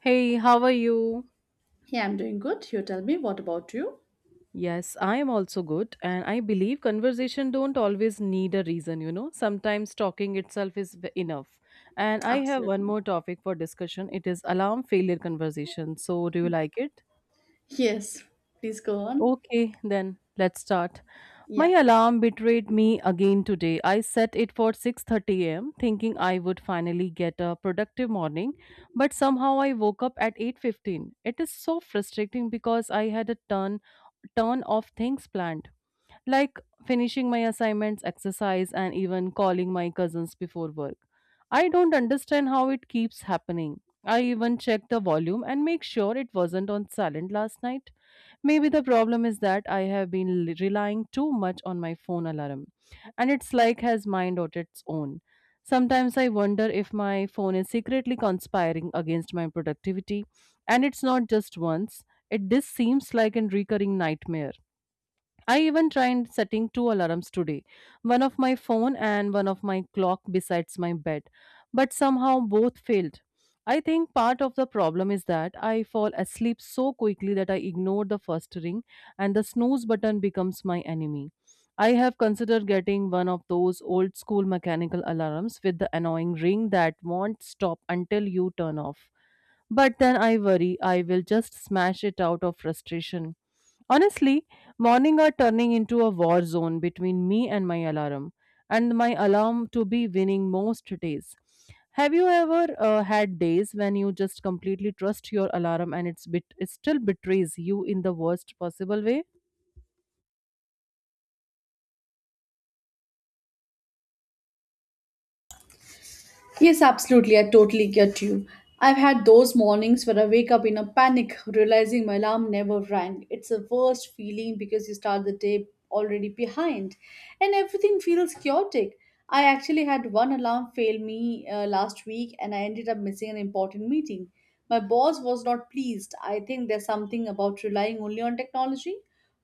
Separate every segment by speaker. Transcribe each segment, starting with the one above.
Speaker 1: Hey, how are you?
Speaker 2: Yeah, I'm doing good. You tell me, what about you?
Speaker 1: Yes, I am also good, and I believe conversation don't always need a reason. Sometimes talking itself is enough. And I have one
Speaker 2: Absolutely.
Speaker 1: more topic for discussion. It is alarm failure conversation. So, do you like it?
Speaker 2: Yes, please go on.
Speaker 1: Okay, then let's start. My
Speaker 2: Yeah.
Speaker 1: alarm betrayed me again today. I set it for 6:30 a.m. thinking I would finally get a productive morning, but somehow I woke up at 8:15. It is so frustrating because I had a turn of things planned, like finishing my assignments, exercise, and even calling my cousins before work. I don't understand how it keeps happening. I even checked the volume and make sure it wasn't on silent last night. Maybe the problem is that I have been relying too much on my phone alarm, and it's like has mind on its own. Sometimes I wonder if my phone is secretly conspiring against my productivity, and it's not just once. It this seems like a recurring nightmare. I even tried setting two alarms today, one of my phone and one of my clock besides my bed, but somehow both failed. I think part of the problem is that I fall asleep so quickly that I ignore the first ring and the snooze button becomes my enemy. I have considered getting one of those old school mechanical alarms with the annoying ring that won't stop until you turn off. But then I worry I will just smash it out of frustration. Honestly, morning are turning into a war zone between me and my alarm to be winning most days. Have you ever had days when you just completely trust your alarm and it still betrays you in the worst possible way?
Speaker 2: Yes, absolutely. I totally get you. I've had those mornings where I wake up in a panic, realizing my alarm never rang. It's the worst feeling because you start the day already behind and everything feels chaotic. I actually had one alarm fail me last week and I ended up missing an important meeting. My boss was not pleased. I think there's something about relying only on technology.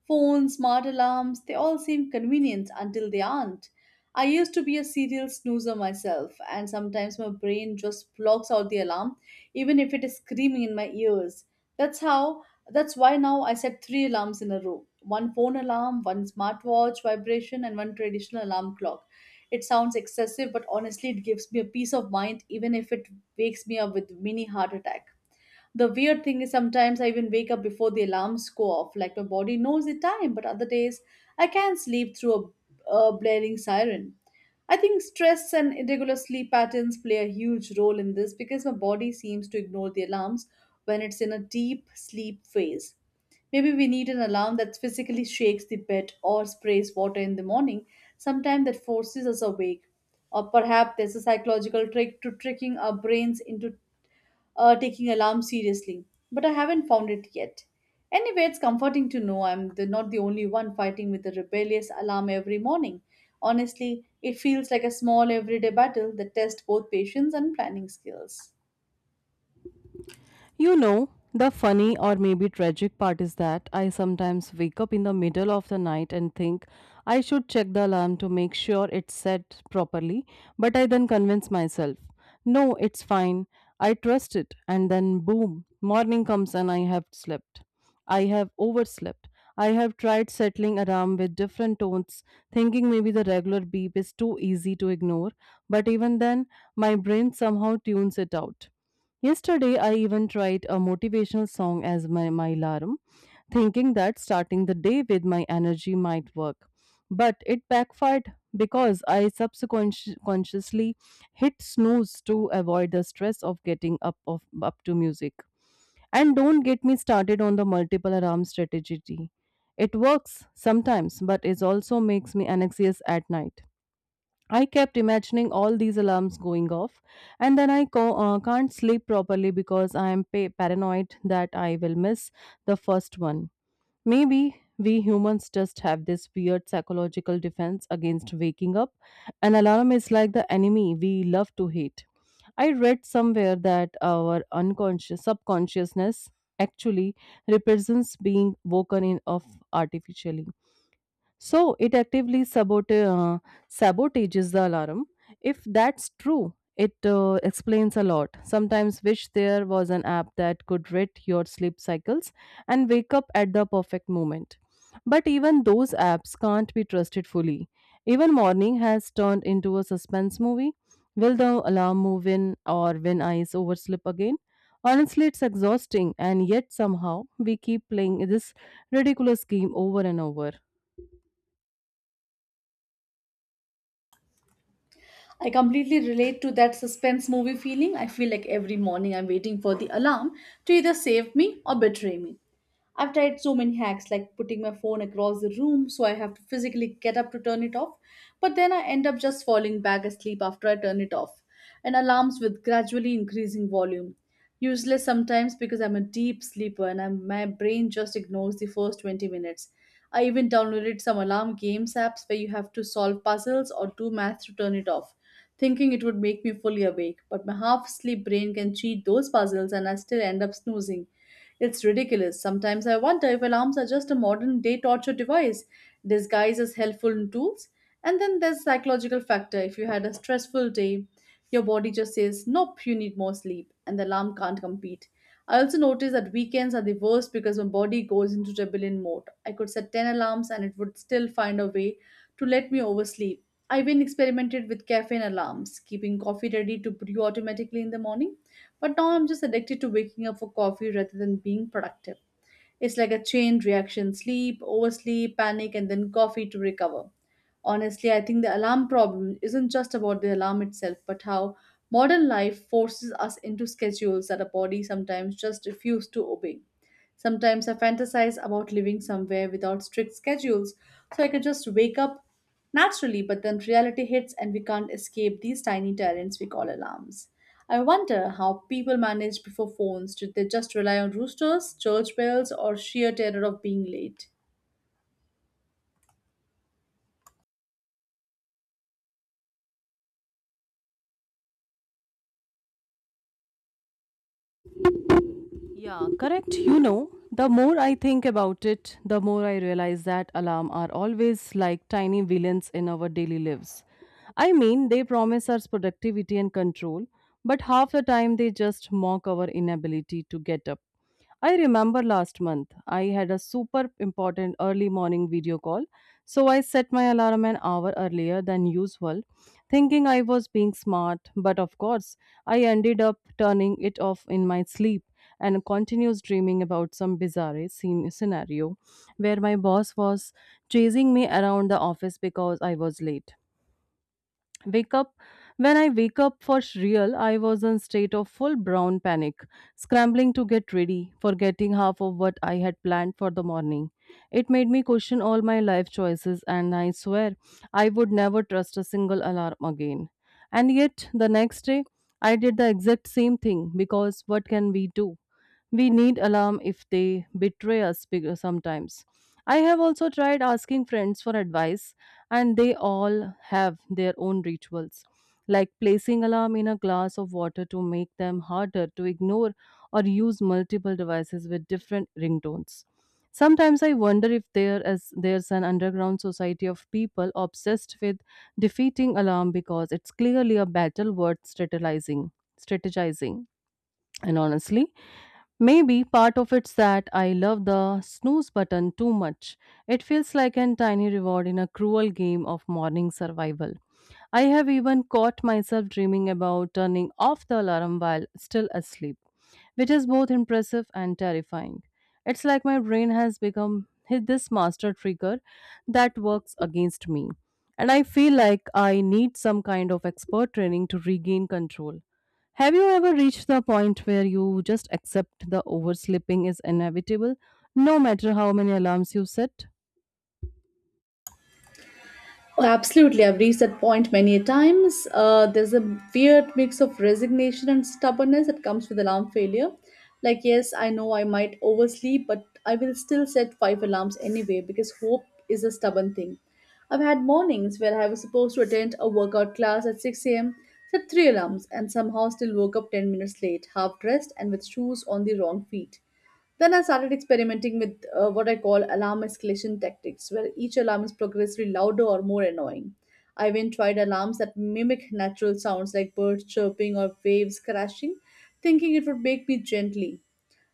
Speaker 2: Phones, smart alarms, they all seem convenient until they aren't. I used to be a serial snoozer myself, and sometimes my brain just blocks out the alarm, even if it is screaming in my ears. That's how, that's why now I set 3 alarms in a row, one phone alarm, one smartwatch vibration, and one traditional alarm clock. It sounds excessive, but honestly, it gives me a peace of mind even if it wakes me up with mini heart attack. The weird thing is sometimes I even wake up before the alarms go off, like my body knows the time, but other days I can't sleep through a blaring siren. I think stress and irregular sleep patterns play a huge role in this because my body seems to ignore the alarms when it's in a deep sleep phase. Maybe we need an alarm that physically shakes the bed or sprays water in the morning, sometime that forces us awake. Or perhaps there's a psychological trick to tricking our brains into taking alarm seriously, but I haven't found it yet. Anyway, it's comforting to know not the only one fighting with a rebellious alarm every morning. Honestly, it feels like a small everyday battle that tests both patience and planning skills.
Speaker 1: The funny or maybe tragic part is that I sometimes wake up in the middle of the night and think I should check the alarm to make sure it's set properly, but I then convince myself, no, it's fine, I trust it, and then boom, morning comes and I have slept. I have overslept. I have tried settling alarm with different tones, thinking maybe the regular beep is too easy to ignore, but even then, my brain somehow tunes it out. Yesterday, I even tried a motivational song as my alarm, thinking that starting the day with my energy might work. But it backfired because I subconsciously hit snooze to avoid the stress of getting up of up to music. And don't get me started on the multiple alarm strategy. It works sometimes, but it also makes me anxious at night. I kept imagining all these alarms going off, and then I can't sleep properly because I am paranoid that I will miss the first one. Maybe we humans just have this weird psychological defense against waking up. An alarm is like the enemy we love to hate. I read somewhere that our unconscious subconsciousness actually represents being woken in of artificially so it actively sabotages the alarm. If that's true, it explains a lot. Sometimes wish there was an app that could read your sleep cycles and wake up at the perfect moment. But even those apps can't be trusted fully. Even morning has turned into a suspense movie. Will the alarm move in or when I oversleep again? Honestly, it's exhausting, and yet somehow we keep playing this ridiculous scheme over and over.
Speaker 2: I completely relate to that suspense movie feeling. I feel like every morning I'm waiting for the alarm to either save me or betray me. I've tried so many hacks like putting my phone across the room so I have to physically get up to turn it off, but then I end up just falling back asleep after I turn it off, and alarms with gradually increasing volume. Useless sometimes because I'm a deep sleeper and my brain just ignores the first 20 minutes. I even downloaded some alarm games apps where you have to solve puzzles or do math to turn it off thinking it would make me fully awake. But my half asleep brain can cheat those puzzles and I still end up snoozing. It's ridiculous. Sometimes I wonder if alarms are just a modern day torture device disguised as helpful tools. And then there's psychological factor. If you had a stressful day, your body just says, "Nope, you need more sleep," and the alarm can't compete. I also notice that weekends are the worst because my body goes into rebellion mode. I could set 10 alarms and it would still find a way to let me oversleep. I've been experimented with caffeine alarms, keeping coffee ready to brew automatically in the morning. But now I'm just addicted to waking up for coffee rather than being productive. It's like a chain reaction, sleep, oversleep, panic, and then coffee to recover. Honestly, I think the alarm problem isn't just about the alarm itself, but how modern life forces us into schedules that our body sometimes just refuses to obey. Sometimes I fantasize about living somewhere without strict schedules, so I could just wake up naturally, but then reality hits and we can't escape these tiny tyrants we call alarms. I wonder how people managed before phones. Did they just rely on roosters, church bells, or sheer terror of being late?
Speaker 1: Yeah, correct. The more I think about it, the more I realize that alarm are always like tiny villains in our daily lives. I mean, they promise us productivity and control, but half the time they just mock our inability to get up. I remember last month I had a super important early morning video call, so I set my alarm an hour earlier than usual, thinking I was being smart, but of course, I ended up turning it off in my sleep and continues dreaming about some bizarre scene scenario where my boss was chasing me around the office because I was late wake up when I wake up for real. I was in state of full brown panic, scrambling to get ready, forgetting half of what I had planned for the morning. It made me question all my life choices, and I swear I would never trust a single alarm again, and yet the next day I did the exact same thing because what can we do? We need alarm if they betray us sometimes. I have also tried asking friends for advice, and they all have their own rituals, like placing alarm in a glass of water to make them harder to ignore, or use multiple devices with different ringtones. Sometimes I wonder if there's an underground society of people obsessed with defeating alarm because it's clearly a battle worth strategizing, and honestly, maybe part of it's that I love the snooze button too much. It feels like a tiny reward in a cruel game of morning survival. I have even caught myself dreaming about turning off the alarm while still asleep, which is both impressive and terrifying. It's like my brain has become this master trigger that works against me. And I feel like I need some kind of expert training to regain control. Have you ever reached the point where you just accept the oversleeping is inevitable, no matter how many alarms you set?
Speaker 2: Oh, absolutely, I've reached that point many a times. There's a weird mix of resignation and stubbornness that comes with alarm failure. Like, yes, I know I might oversleep, but I will still set 5 alarms anyway because hope is a stubborn thing. I've had mornings where I was supposed to attend a workout class at 6 a.m., set three alarms, and somehow still woke up 10 minutes late, half dressed and with shoes on the wrong feet. Then I started experimenting with what I call alarm escalation tactics, where each alarm is progressively louder or more annoying. I even tried alarms that mimic natural sounds like birds chirping or waves crashing, thinking it would wake me gently.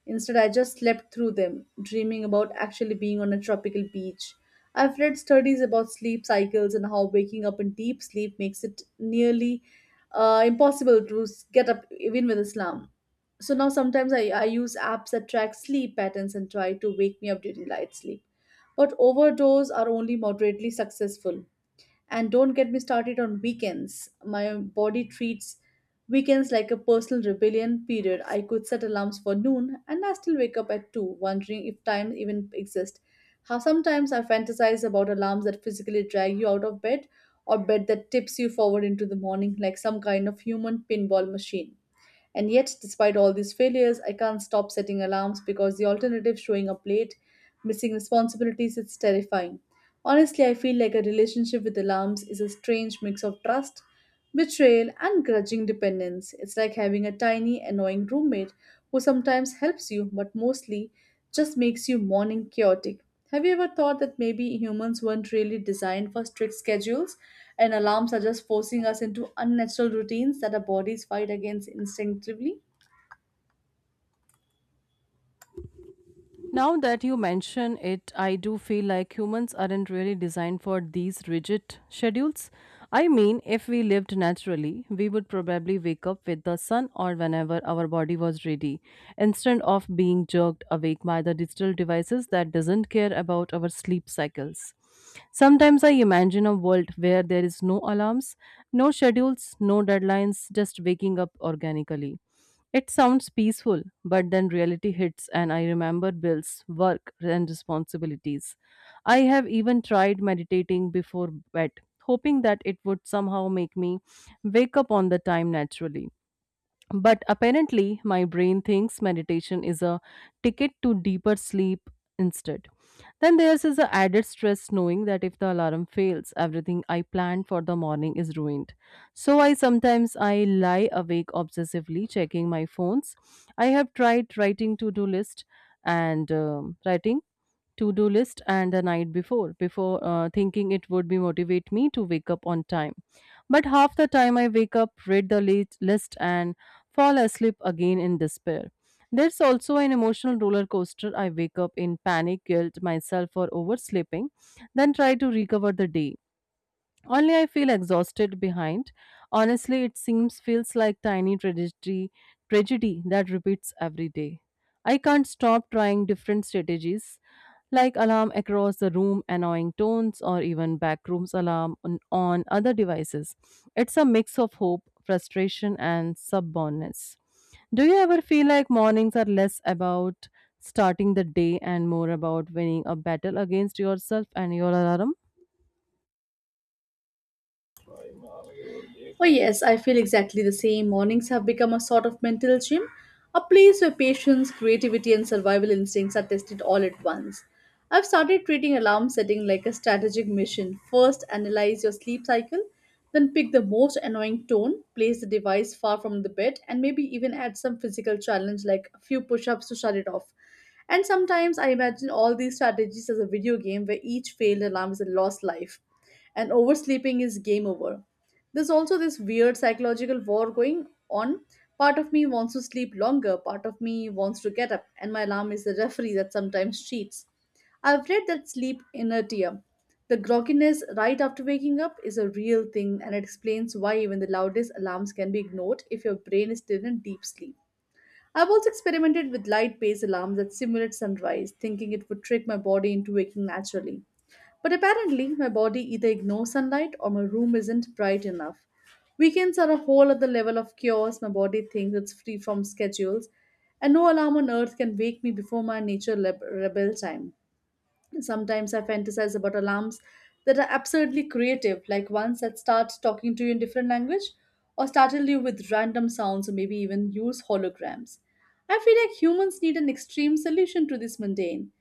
Speaker 2: Instead, I just slept through them, dreaming about actually being on a tropical beach. I've read studies about sleep cycles and how waking up in deep sleep makes it nearly impossible to get up even with Islam. So now sometimes I use apps that track sleep patterns and try to wake me up during light sleep. But overdose are only moderately successful. And don't get me started on weekends. My body treats weekends like a personal rebellion period. I could set alarms for noon and I still wake up at 2, wondering if time even exists. How sometimes I fantasize about alarms that physically drag you out of bed or bed that tips you forward into the morning like some kind of human pinball machine. And yet, despite all these failures, I can't stop setting alarms because the alternative, showing up late, missing responsibilities, it's terrifying. Honestly, I feel like a relationship with alarms is a strange mix of trust, betrayal, and grudging dependence. It's like having a tiny, annoying roommate who sometimes helps you but mostly just makes your morning chaotic. Have you ever thought that maybe humans weren't really designed for strict schedules and alarms are just forcing us into unnatural routines that our bodies fight against instinctively?
Speaker 1: Now that you mention it, I do feel like humans aren't really designed for these rigid schedules. I mean, if we lived naturally, we would probably wake up with the sun or whenever our body was ready, instead of being jerked awake by the digital devices that doesn't care about our sleep cycles. Sometimes I imagine a world where there is no alarms, no schedules, no deadlines, just waking up organically. It sounds peaceful, but then reality hits, and I remember bills, work, and responsibilities. I have even tried meditating before bed, hoping that it would somehow make me wake up on the time naturally. But apparently, my brain thinks meditation is a ticket to deeper sleep instead. Then there's is the added stress knowing that if the alarm fails, everything I planned for the morning is ruined. So I sometimes I lie awake obsessively checking my phones. I have tried writing to-do list and the night before, thinking it would be motivate me to wake up on time, but half the time I wake up, read the late list, and fall asleep again in despair. There's also an emotional roller coaster. I wake up in panic, guilt myself for oversleeping, then try to recover the day, only I feel exhausted behind. Honestly, it seems feels like tiny tragedy, that repeats every day. I can't stop trying different strategies like alarm across the room, annoying tones, or even backrooms alarm on other devices. It's a mix of hope, frustration, and subbonness. Do you ever feel like mornings are less about starting the day and more about winning a battle against yourself and your alarm?
Speaker 2: Oh, yes, I feel exactly the same. Mornings have become a sort of mental gym, a place where patience, creativity, and survival instincts are tested all at once. I've started treating alarm setting like a strategic mission. First, analyze your sleep cycle, then pick the most annoying tone, place the device far from the bed, and maybe even add some physical challenge like a few push ups to shut it off. And sometimes I imagine all these strategies as a video game where each failed alarm is a lost life and oversleeping is game over. There's also this weird psychological war going on. Part of me wants to sleep longer, part of me wants to get up, and my alarm is the referee that sometimes cheats. I've read that sleep inertia, the grogginess right after waking up, is a real thing and it explains why even the loudest alarms can be ignored if your brain is still in deep sleep. I've also experimented with light based alarms that simulate sunrise, thinking it would trick my body into waking naturally. But apparently, my body either ignores sunlight or my room isn't bright enough. Weekends are a whole other level of chaos. My body thinks it's free from schedules, and no alarm on earth can wake me before my rebel time. Sometimes I fantasize about alarms that are absurdly creative, like ones that start talking to you in different language or startle you with random sounds or maybe even use holograms. I feel like humans need an extreme solution to this mundane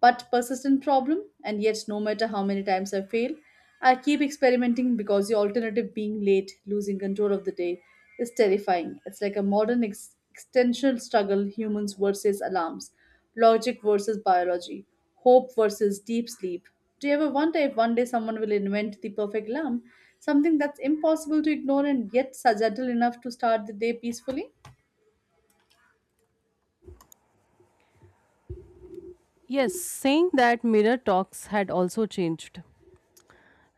Speaker 2: but persistent problem, and yet, no matter how many times I fail, I keep experimenting because the alternative, being late, losing control of the day, is terrifying. It's like a modern extension struggle, humans versus alarms, logic versus biology, hope versus deep sleep. Do you ever wonder if one day someone will invent the perfect alarm? Something that's impossible to ignore and yet subtle enough to start the day peacefully?
Speaker 1: Yes, saying that mirror talks had also changed.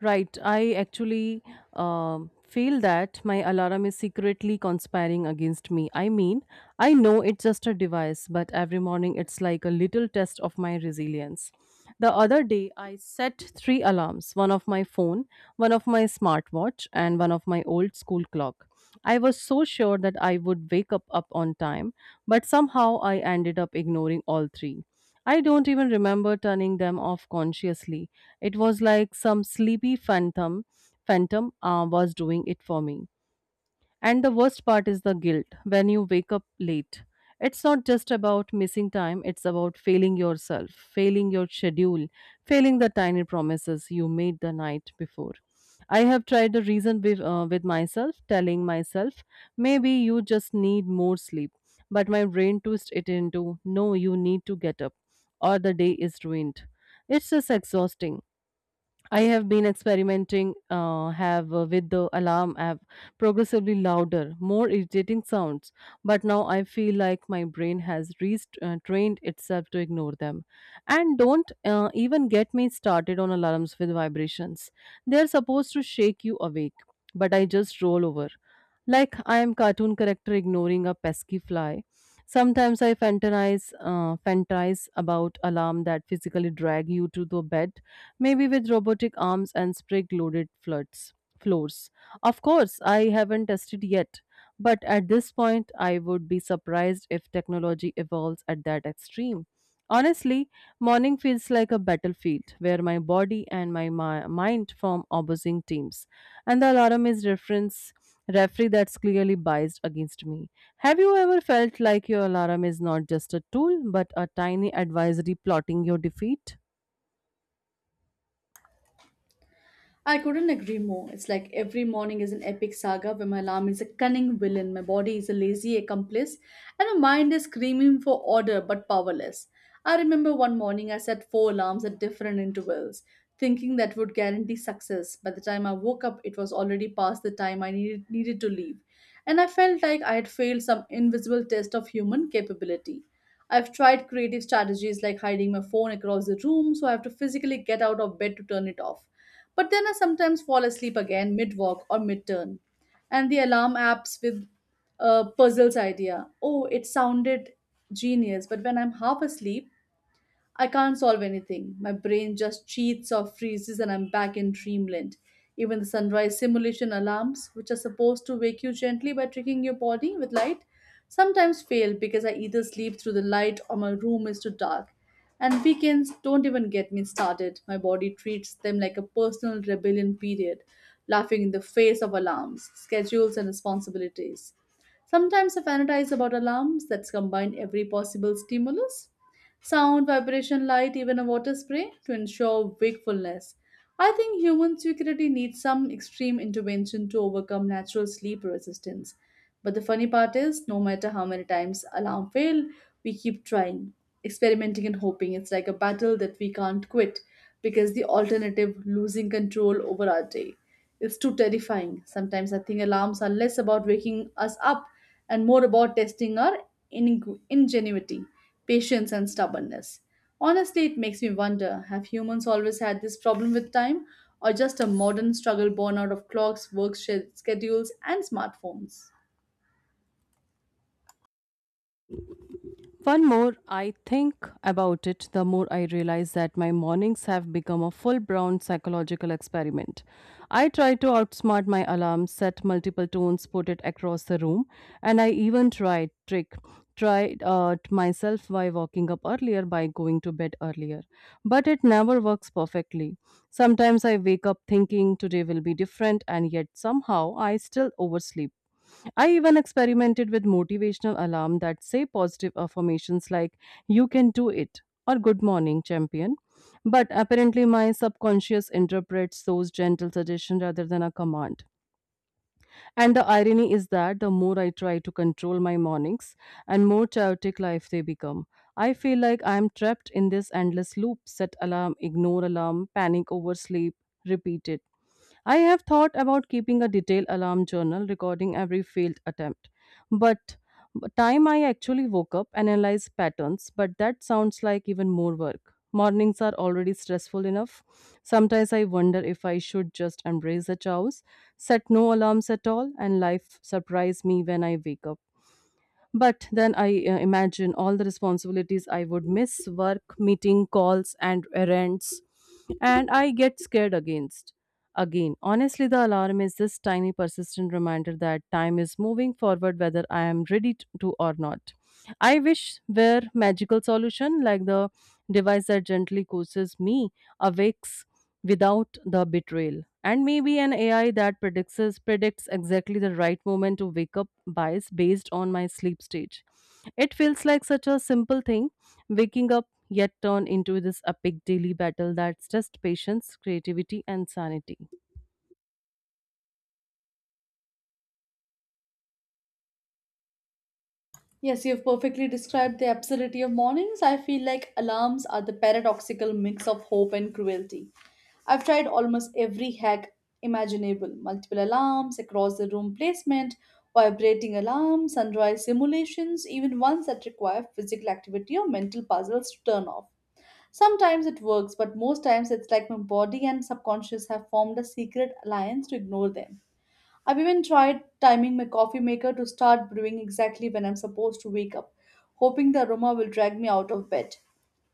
Speaker 1: Right. I actually um feel that my alarm is secretly conspiring against me. I mean, I know it's just a device, but every morning it's like a little test of my resilience. The other day, I set three alarms, one of my phone, one of my smartwatch, and one of my old school clock. I was so sure that I would wake up on time, but somehow I ended up ignoring all three. I don't even remember turning them off consciously. It was like some sleepy phantom was doing it for me. And the worst part is the guilt when you wake up late. It's not just about missing time, it's about failing yourself, failing your schedule, failing the tiny promises you made the night before. I have tried to reason with myself, telling myself, maybe you just need more sleep. But my brain twists it into, no, you need to get up, or the day is ruined. It's just exhausting. I have been experimenting have with the alarm app, progressively louder, more irritating sounds, but now I feel like my brain has trained itself to ignore them. And don't even get me started on alarms with vibrations. They are supposed to shake you awake, but I just roll over like I am cartoon character ignoring a pesky fly. Sometimes I fantasize about alarm that physically drag you to the bed, maybe with robotic arms and sprig loaded floods floors. Of course, I haven't tested yet, but at this point I would be surprised if technology evolves at that extreme. Honestly, morning feels like a battlefield where my body and my mind form opposing teams, and the alarm is reference referee that's clearly biased against me. Have you ever felt like your alarm is not just a tool but a tiny advisory plotting your defeat?
Speaker 2: I couldn't agree more. It's like every morning is an epic saga where my alarm is a cunning villain, my body is a lazy accomplice, and my mind is screaming for order but powerless. I remember one morning I set 4 alarms at different intervals, thinking that would guarantee success. By the time I woke up, it was already past the time I needed to leave, and I felt like I had failed some invisible test of human capability. I've tried creative strategies like hiding my phone across the room so I have to physically get out of bed to turn it off, but then I sometimes fall asleep again mid walk or mid turn. And the alarm apps with puzzles idea. Oh, it sounded genius, but when I'm half asleep, I can't solve anything. My brain just cheats or freezes, and I'm back in dreamland. Even the sunrise simulation alarms, which are supposed to wake you gently by tricking your body with light, sometimes fail because I either sleep through the light or my room is too dark. And weekends don't even get me started. My body treats them like a personal rebellion period, laughing in the face of alarms, schedules, and responsibilities. Sometimes I fantasize about alarms that combine every possible stimulus sound, vibration, light, even a water spray to ensure wakefulness. I think human security needs some extreme intervention to overcome natural sleep resistance. But the funny part is, no matter how many times alarm fail, we keep trying, experimenting and hoping. It's like a battle that we can't quit because the alternative, losing control over our day, is too terrifying. Sometimes I think alarms are less about waking us up and more about testing our ingenuity, patience, and stubbornness. Honestly, it makes me wonder, have humans always had this problem with time, or just a modern struggle born out of clocks, schedules, and smartphones?
Speaker 1: One more I think about it, the more I realize that my mornings have become a full blown psychological experiment. I try to outsmart my alarm, set multiple tones, put it across the room, and I even try trick tried myself by waking up earlier by going to bed earlier but it never works perfectly sometimes I wake up thinking today will be different and yet somehow I still oversleep. I even experimented with motivational alarm that say positive affirmations like you can do it or good morning champion. But apparently my subconscious interprets those gentle suggestions rather than a command. And the irony is that the more I try to control my mornings and more chaotic life they become. I feel like I am trapped in this endless loop set alarm, ignore alarm, panic over sleep, repeat it. I have thought about keeping a detailed alarm journal recording every failed attempt, but but time I actually woke up and analyzed patterns, but that sounds like even more work. Mornings are already stressful enough. Sometimes I wonder if I should just embrace the chaos, set no alarms at all, and life surprise me when I wake up. But then I imagine all the responsibilities I would miss work, meeting, calls, and errands. And I get scared against. Again, honestly, the alarm is this tiny, persistent reminder that time is moving forward whether I am ready to or not. I wish were magical solution like the device that gently coaxes me awakes without the betrayal. And maybe an AI that predicts exactly the right moment to wake up bias based on my sleep stage. It feels like such a simple thing, waking up yet turn into this epic daily battle that's just patience, creativity, and sanity.
Speaker 2: Yes, you've perfectly described the absurdity of mornings. I feel like alarms are the paradoxical mix of hope and cruelty. I've tried almost every hack imaginable, multiple alarms, across the room placement, vibrating alarms, sunrise simulations, even ones that require physical activity or mental puzzles to turn off. Sometimes it works, but most times it's like my body and subconscious have formed a secret alliance to ignore them. I've even tried timing my coffee maker to start brewing exactly when I'm supposed to wake up, hoping the aroma will drag me out of bed.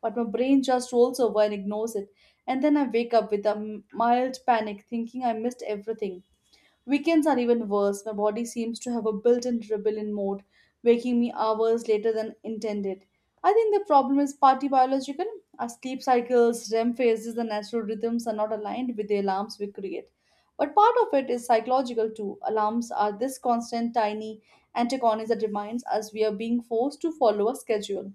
Speaker 2: But my brain just rolls over and ignores it, and then I wake up with a mild panic thinking I missed everything. Weekends are even worse. My body seems to have a built in rebellion mode, waking me hours later than intended. I think the problem is partly biological. Our sleep cycles, REM phases, and natural rhythms are not aligned with the alarms we create. But part of it is psychological too. Alarms are this constant, tiny antagonist that reminds us we are being forced to follow a schedule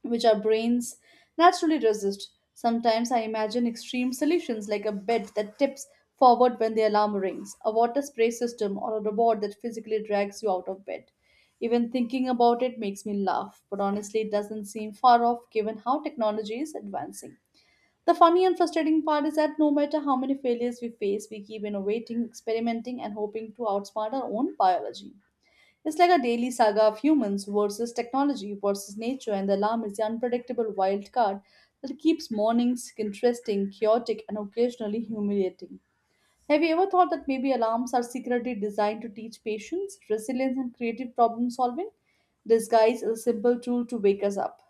Speaker 2: which our brains naturally resist. Sometimes I imagine extreme solutions like a bed that tips forward when the alarm rings, a water spray system, or a robot that physically drags you out of bed. Even thinking about it makes me laugh, but honestly, it doesn't seem far off given how technology is advancing. The funny and frustrating part is that no matter how many failures we face, we keep innovating, experimenting, and hoping to outsmart our own biology. It's like a daily saga of humans versus technology versus nature, and the alarm is the unpredictable wild card that keeps mornings interesting, chaotic, and occasionally humiliating. Have you ever thought that maybe alarms are secretly designed to teach patience, resilience, and creative problem solving, disguised as a simple tool to wake us up?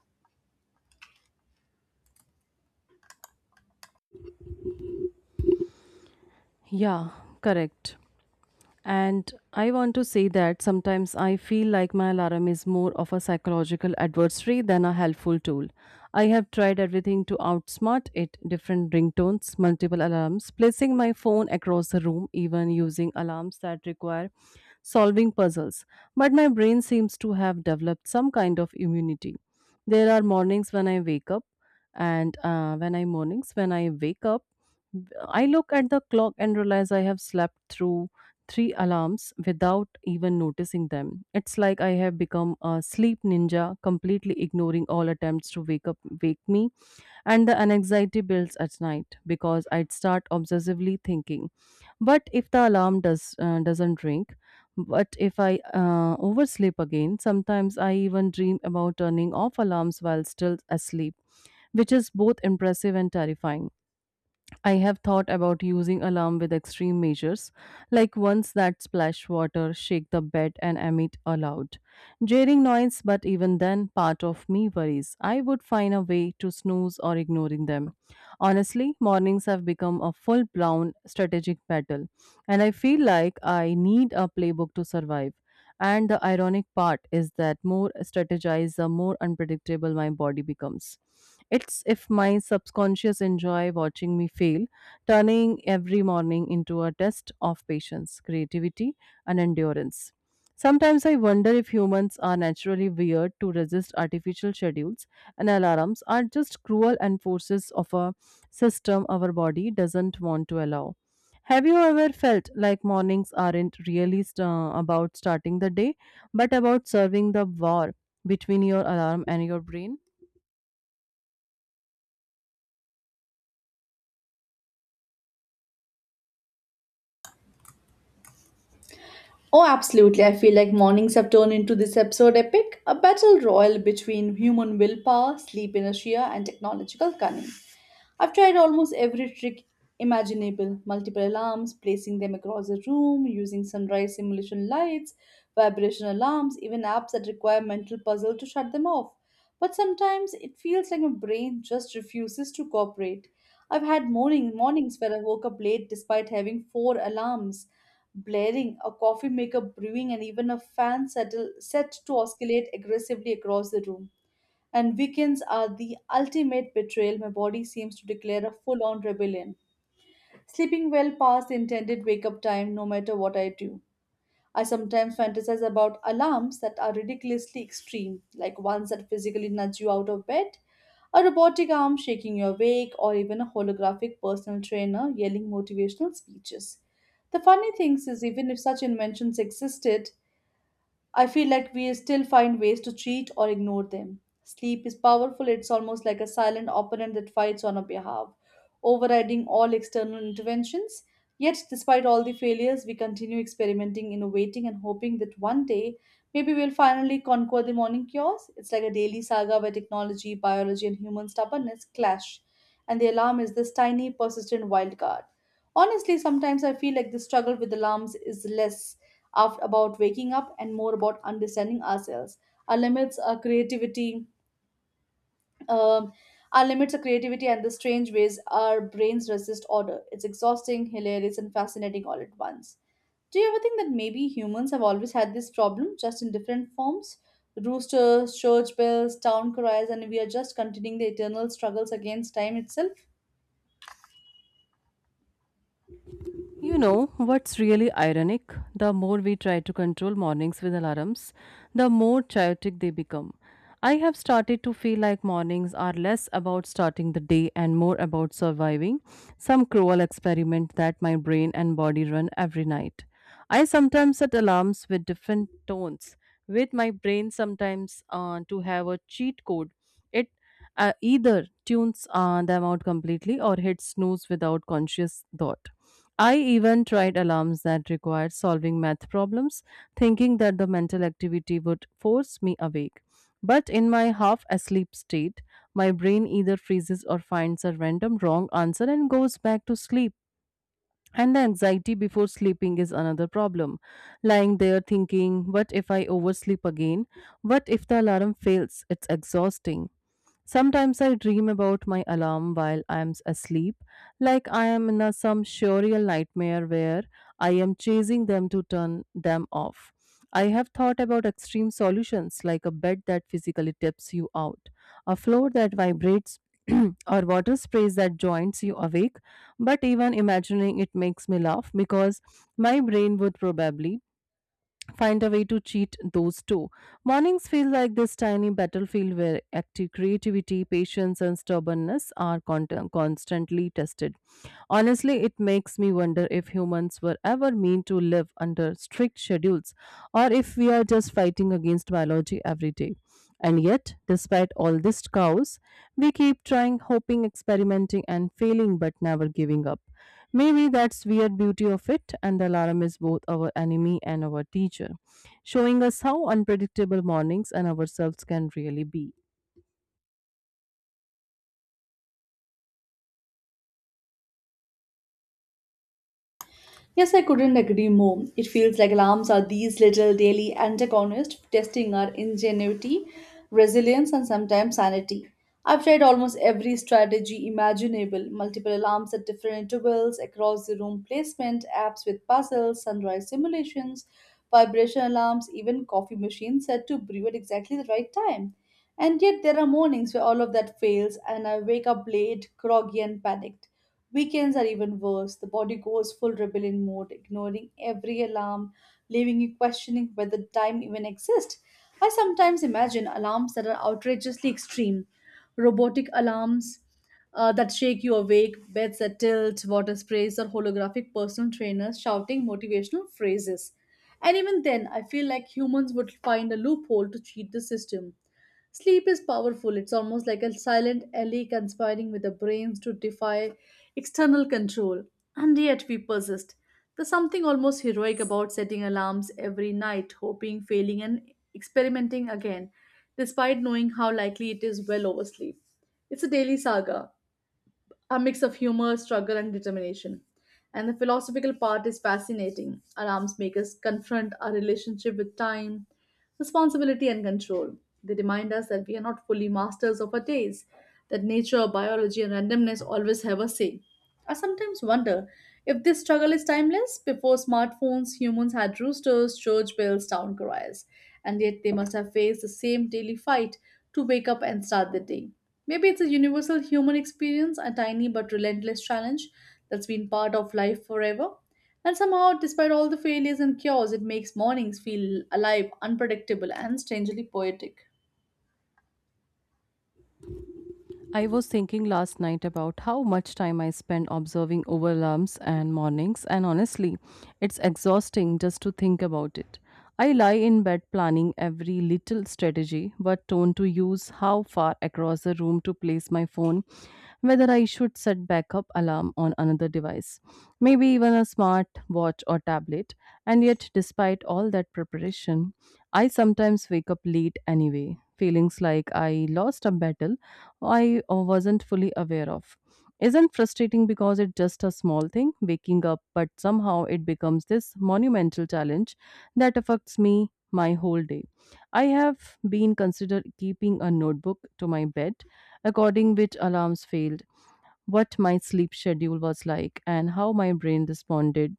Speaker 1: Yeah, correct. And I want to say that sometimes I feel like my alarm is more of a psychological adversary than a helpful tool. I have tried everything to outsmart it different ringtones, multiple alarms, placing my phone across the room, even using alarms that require solving puzzles, but my brain seems to have developed some kind of immunity. There are mornings when I wake up, and when I mornings when I wake up, I look at the clock and realize I have slept through three alarms without even noticing them. It's like I have become a sleep ninja, completely ignoring all attempts to wake me and the anxiety builds at night because I'd start obsessively thinking. But if the alarm doesn't ring, but if I oversleep again, sometimes I even dream about turning off alarms while still asleep, which is both impressive and terrifying. I have thought about using alarm with extreme measures, like ones that splash water, shake the bed, and emit a loud, jarring noise. But even then, part of me worries I would find a way to snooze or ignoring them. Honestly, mornings have become a full-blown strategic battle, and I feel like I need a playbook to survive. And the ironic part is that more strategized, the more unpredictable my body becomes. It's if my subconscious enjoy watching me fail, turning every morning into a test of patience, creativity, and endurance. Sometimes I wonder if humans are naturally weird to resist artificial schedules and alarms are just cruel enforces of a system our body doesn't want to allow. Have you ever felt like mornings aren't really about starting the day, but about serving the war between your alarm and your brain?
Speaker 2: Oh, absolutely. I feel like mornings have turned into this absurd epic, a battle royal between human willpower, sleep inertia, and technological cunning. I've tried almost every trick imaginable, multiple alarms, placing them across the room, using sunrise simulation lights, vibration alarms, even apps that require mental puzzle to shut them off. But sometimes it feels like my brain just refuses to cooperate. I've had mornings where I woke up late despite having four alarms blaring, a coffee maker brewing, and even a set to oscillate aggressively across the room, and weekends are the ultimate betrayal. My body seems to declare a full on rebellion, sleeping well past the intended wake up time, no matter what I do. I sometimes fantasize about alarms that are ridiculously extreme, like ones that physically nudge you out of bed, a robotic arm shaking you awake, or even a holographic personal trainer yelling motivational speeches. The funny thing is, even if such inventions existed, I feel like we still find ways to cheat or ignore them. Sleep is powerful. It's almost like a silent opponent that fights on our behalf, overriding all external interventions. Yet, despite all the failures, we continue experimenting, innovating, and hoping that one day maybe we'll finally conquer the morning chaos. It's like a daily saga where technology, biology, and human stubbornness clash, and the alarm is this tiny, persistent wild card. Honestly, sometimes I feel like the struggle with alarms is less about waking up and more about understanding ourselves, our limits, our creativity, um, our limits, our creativity, and the strange ways our brains resist order. It's exhausting, hilarious, and fascinating all at once. Do you ever think that maybe humans have always had this problem, just in different forms? Roosters, church bells, town cries, and we are just continuing the eternal struggles against time itself.
Speaker 1: You know what's really ironic? The more we try to control mornings with alarms, the more chaotic they become. I have started to feel like mornings are less about starting the day and more about surviving some cruel experiment that my brain and body run every night. I sometimes set alarms with different tones, with my brain sometimes to have a cheat code. It either tunes them out completely or hits snooze without conscious thought. I even tried alarms that required solving math problems, thinking that the mental activity would force me awake. But in my half asleep state, my brain either freezes or finds a random wrong answer and goes back to sleep. And the anxiety before sleeping is another problem. Lying there thinking, what if I oversleep again? What if the alarm fails? It's exhausting. Sometimes I dream about my alarm while I am asleep, like I am in a, some surreal nightmare where I am chasing them to turn them off. I have thought about extreme solutions like a bed that physically tips you out, a floor that vibrates, or water sprays that joints you awake. But even imagining it makes me laugh because my brain would probably find a way to cheat those two. Mornings feel like this tiny battlefield where active creativity, patience, and stubbornness are constantly tested. Honestly, it makes me wonder if humans were ever meant to live under strict schedules or if we are just fighting against biology every day. And yet, despite all this chaos, we keep trying, hoping, experimenting, and failing but never giving up. Maybe that's weird beauty of it, and the alarm is both our enemy and our teacher, showing us how unpredictable mornings and ourselves can really be.
Speaker 2: Yes, I couldn't agree more. It feels like alarms are these little daily antagonists testing our ingenuity, resilience, and sometimes sanity. I've tried almost every strategy imaginable, multiple alarms at different intervals, across the room placement, apps with puzzles, sunrise simulations, vibration alarms, even coffee machines set to brew at exactly the right time. And yet, there are mornings where all of that fails and I wake up late, groggy, and panicked. Weekends are even worse. The body goes full rebellion mode, ignoring every alarm, leaving you questioning whether time even exists. I sometimes imagine alarms that are outrageously extreme, robotic alarms that shake you awake, beds that tilt, water sprays, or holographic personal trainers shouting motivational phrases. And even then, I feel like humans would find a loophole to cheat the system. Sleep is powerful. It's almost like a silent ally conspiring with the brains to defy external control. And yet we persist. There's something almost heroic about setting alarms every night, hoping, failing, and experimenting again, despite knowing how likely it is well oversleep. It's a daily saga, a mix of humor, struggle, and determination. And the philosophical part is fascinating. Our arms makers confront our relationship with time, responsibility, and control. They remind us that we are not fully masters of our days, that nature, biology, and randomness always have a say. I sometimes wonder if this struggle is timeless. Before smartphones, humans had roosters, church bells, town criers, and yet they must have faced the same daily fight to wake up and start the day. Maybe it's a universal human experience, a tiny but relentless challenge that's been part of life forever. And somehow, despite all the failures and chaos, it makes mornings feel alive, unpredictable, and strangely poetic.
Speaker 1: I was thinking last night about how much time I spend observing overlaps and mornings, and honestly, it's exhausting just to think about it. I lie in bed planning every little strategy, what tone to use, how far across the room to place my phone, whether I should set backup alarm on another device, maybe even a smart watch or tablet. And yet, despite all that preparation, I sometimes wake up late anyway, feelings like I lost a battle I wasn't fully aware of. Isn't frustrating because it's just a small thing, waking up, but somehow it becomes this monumental challenge that affects me my whole day. I have been considered keeping a notebook to my bed, according which alarms failed, what my sleep schedule was like, and how my brain responded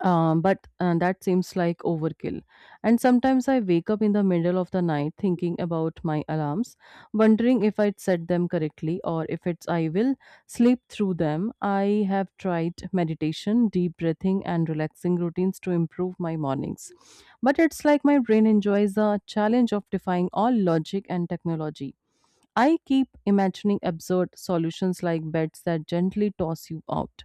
Speaker 1: but that seems like overkill. And sometimes I wake up in the middle of the night thinking about my alarms, wondering if I'd set them correctly or if it's I will sleep through them. I have tried meditation, deep breathing, and relaxing routines to improve my mornings. But it's like my brain enjoys the challenge of defying all logic and technology. I keep imagining absurd solutions like beds that gently toss you out,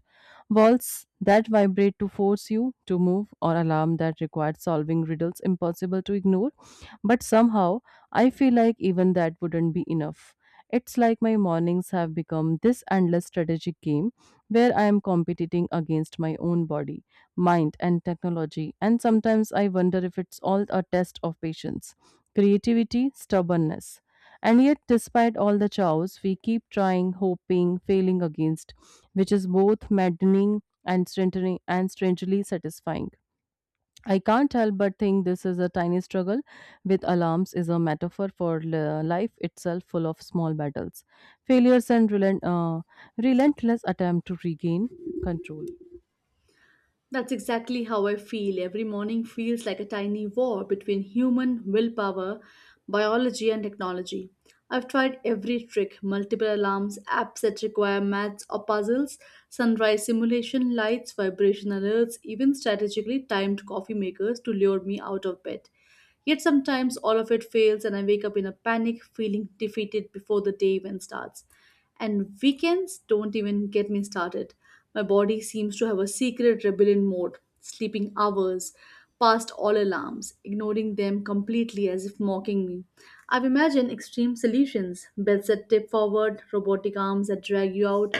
Speaker 1: walls that vibrate to force you to move, or alarm that required solving riddles impossible to ignore. But somehow, I feel like even that wouldn't be enough. It's like my mornings have become this endless strategic game where I am competing against my own body, mind, and technology. And sometimes I wonder if it's all a test of patience, creativity, stubbornness and yet, despite all the chows, we keep trying, hoping, failing against, which is both maddening and strangely satisfying. I can't help but think this is a tiny struggle with alarms is a metaphor for life itself, full of small battles, failures, and relentless attempt to regain control.
Speaker 2: That's exactly how I feel. Every morning feels like a tiny war between human willpower, biology, and technology. I've tried every trick, multiple alarms, apps that require maths or puzzles, sunrise simulation, lights, vibration alerts, even strategically timed coffee makers to lure me out of bed. Yet sometimes all of it fails, and I wake up in a panic, feeling defeated before the day even starts. And weekends don't even get me started. My body seems to have a secret rebellion mode, sleeping hours past all alarms, ignoring them completely as if mocking me. I've imagined extreme solutions, beds that tip forward, robotic arms that drag you out,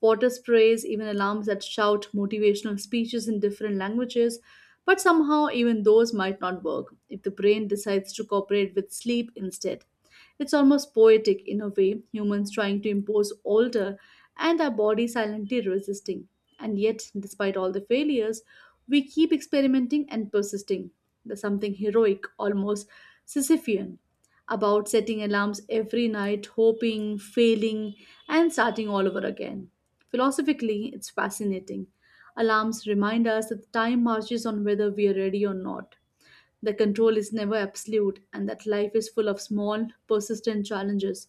Speaker 2: water sprays, even alarms that shout motivational speeches in different languages. But somehow, even those might not work if the brain decides to cooperate with sleep instead. It's almost poetic in a way, humans trying to impose order and our body silently resisting. And yet, despite all the failures, we keep experimenting and persisting. There's something heroic, almost Sisyphean, about setting alarms every night, hoping, failing, and starting all over again. Philosophically, it's fascinating. Alarms remind us that time marches on whether we are ready or not, the control is never absolute, and that life is full of small, persistent challenges.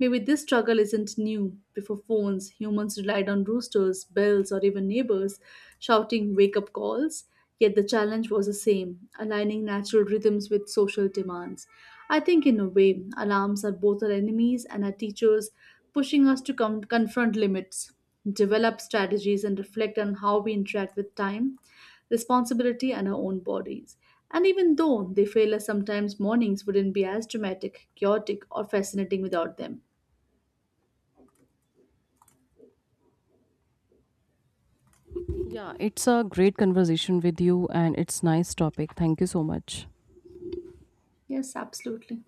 Speaker 2: Maybe this struggle isn't new. Before phones, humans relied on roosters, bells, or even neighbors shouting wake up calls. Yet the challenge was the same, aligning natural rhythms with social demands. I think, in a way, alarms are both our enemies and our teachers, pushing us to confront limits, develop strategies, and reflect on how we interact with time, responsibility, and our own bodies. And even though they fail us sometimes, mornings wouldn't be as dramatic, chaotic, or fascinating without them.
Speaker 1: Yeah, it's a great conversation with you, and it's nice topic. Thank you so much.
Speaker 2: Yes, absolutely.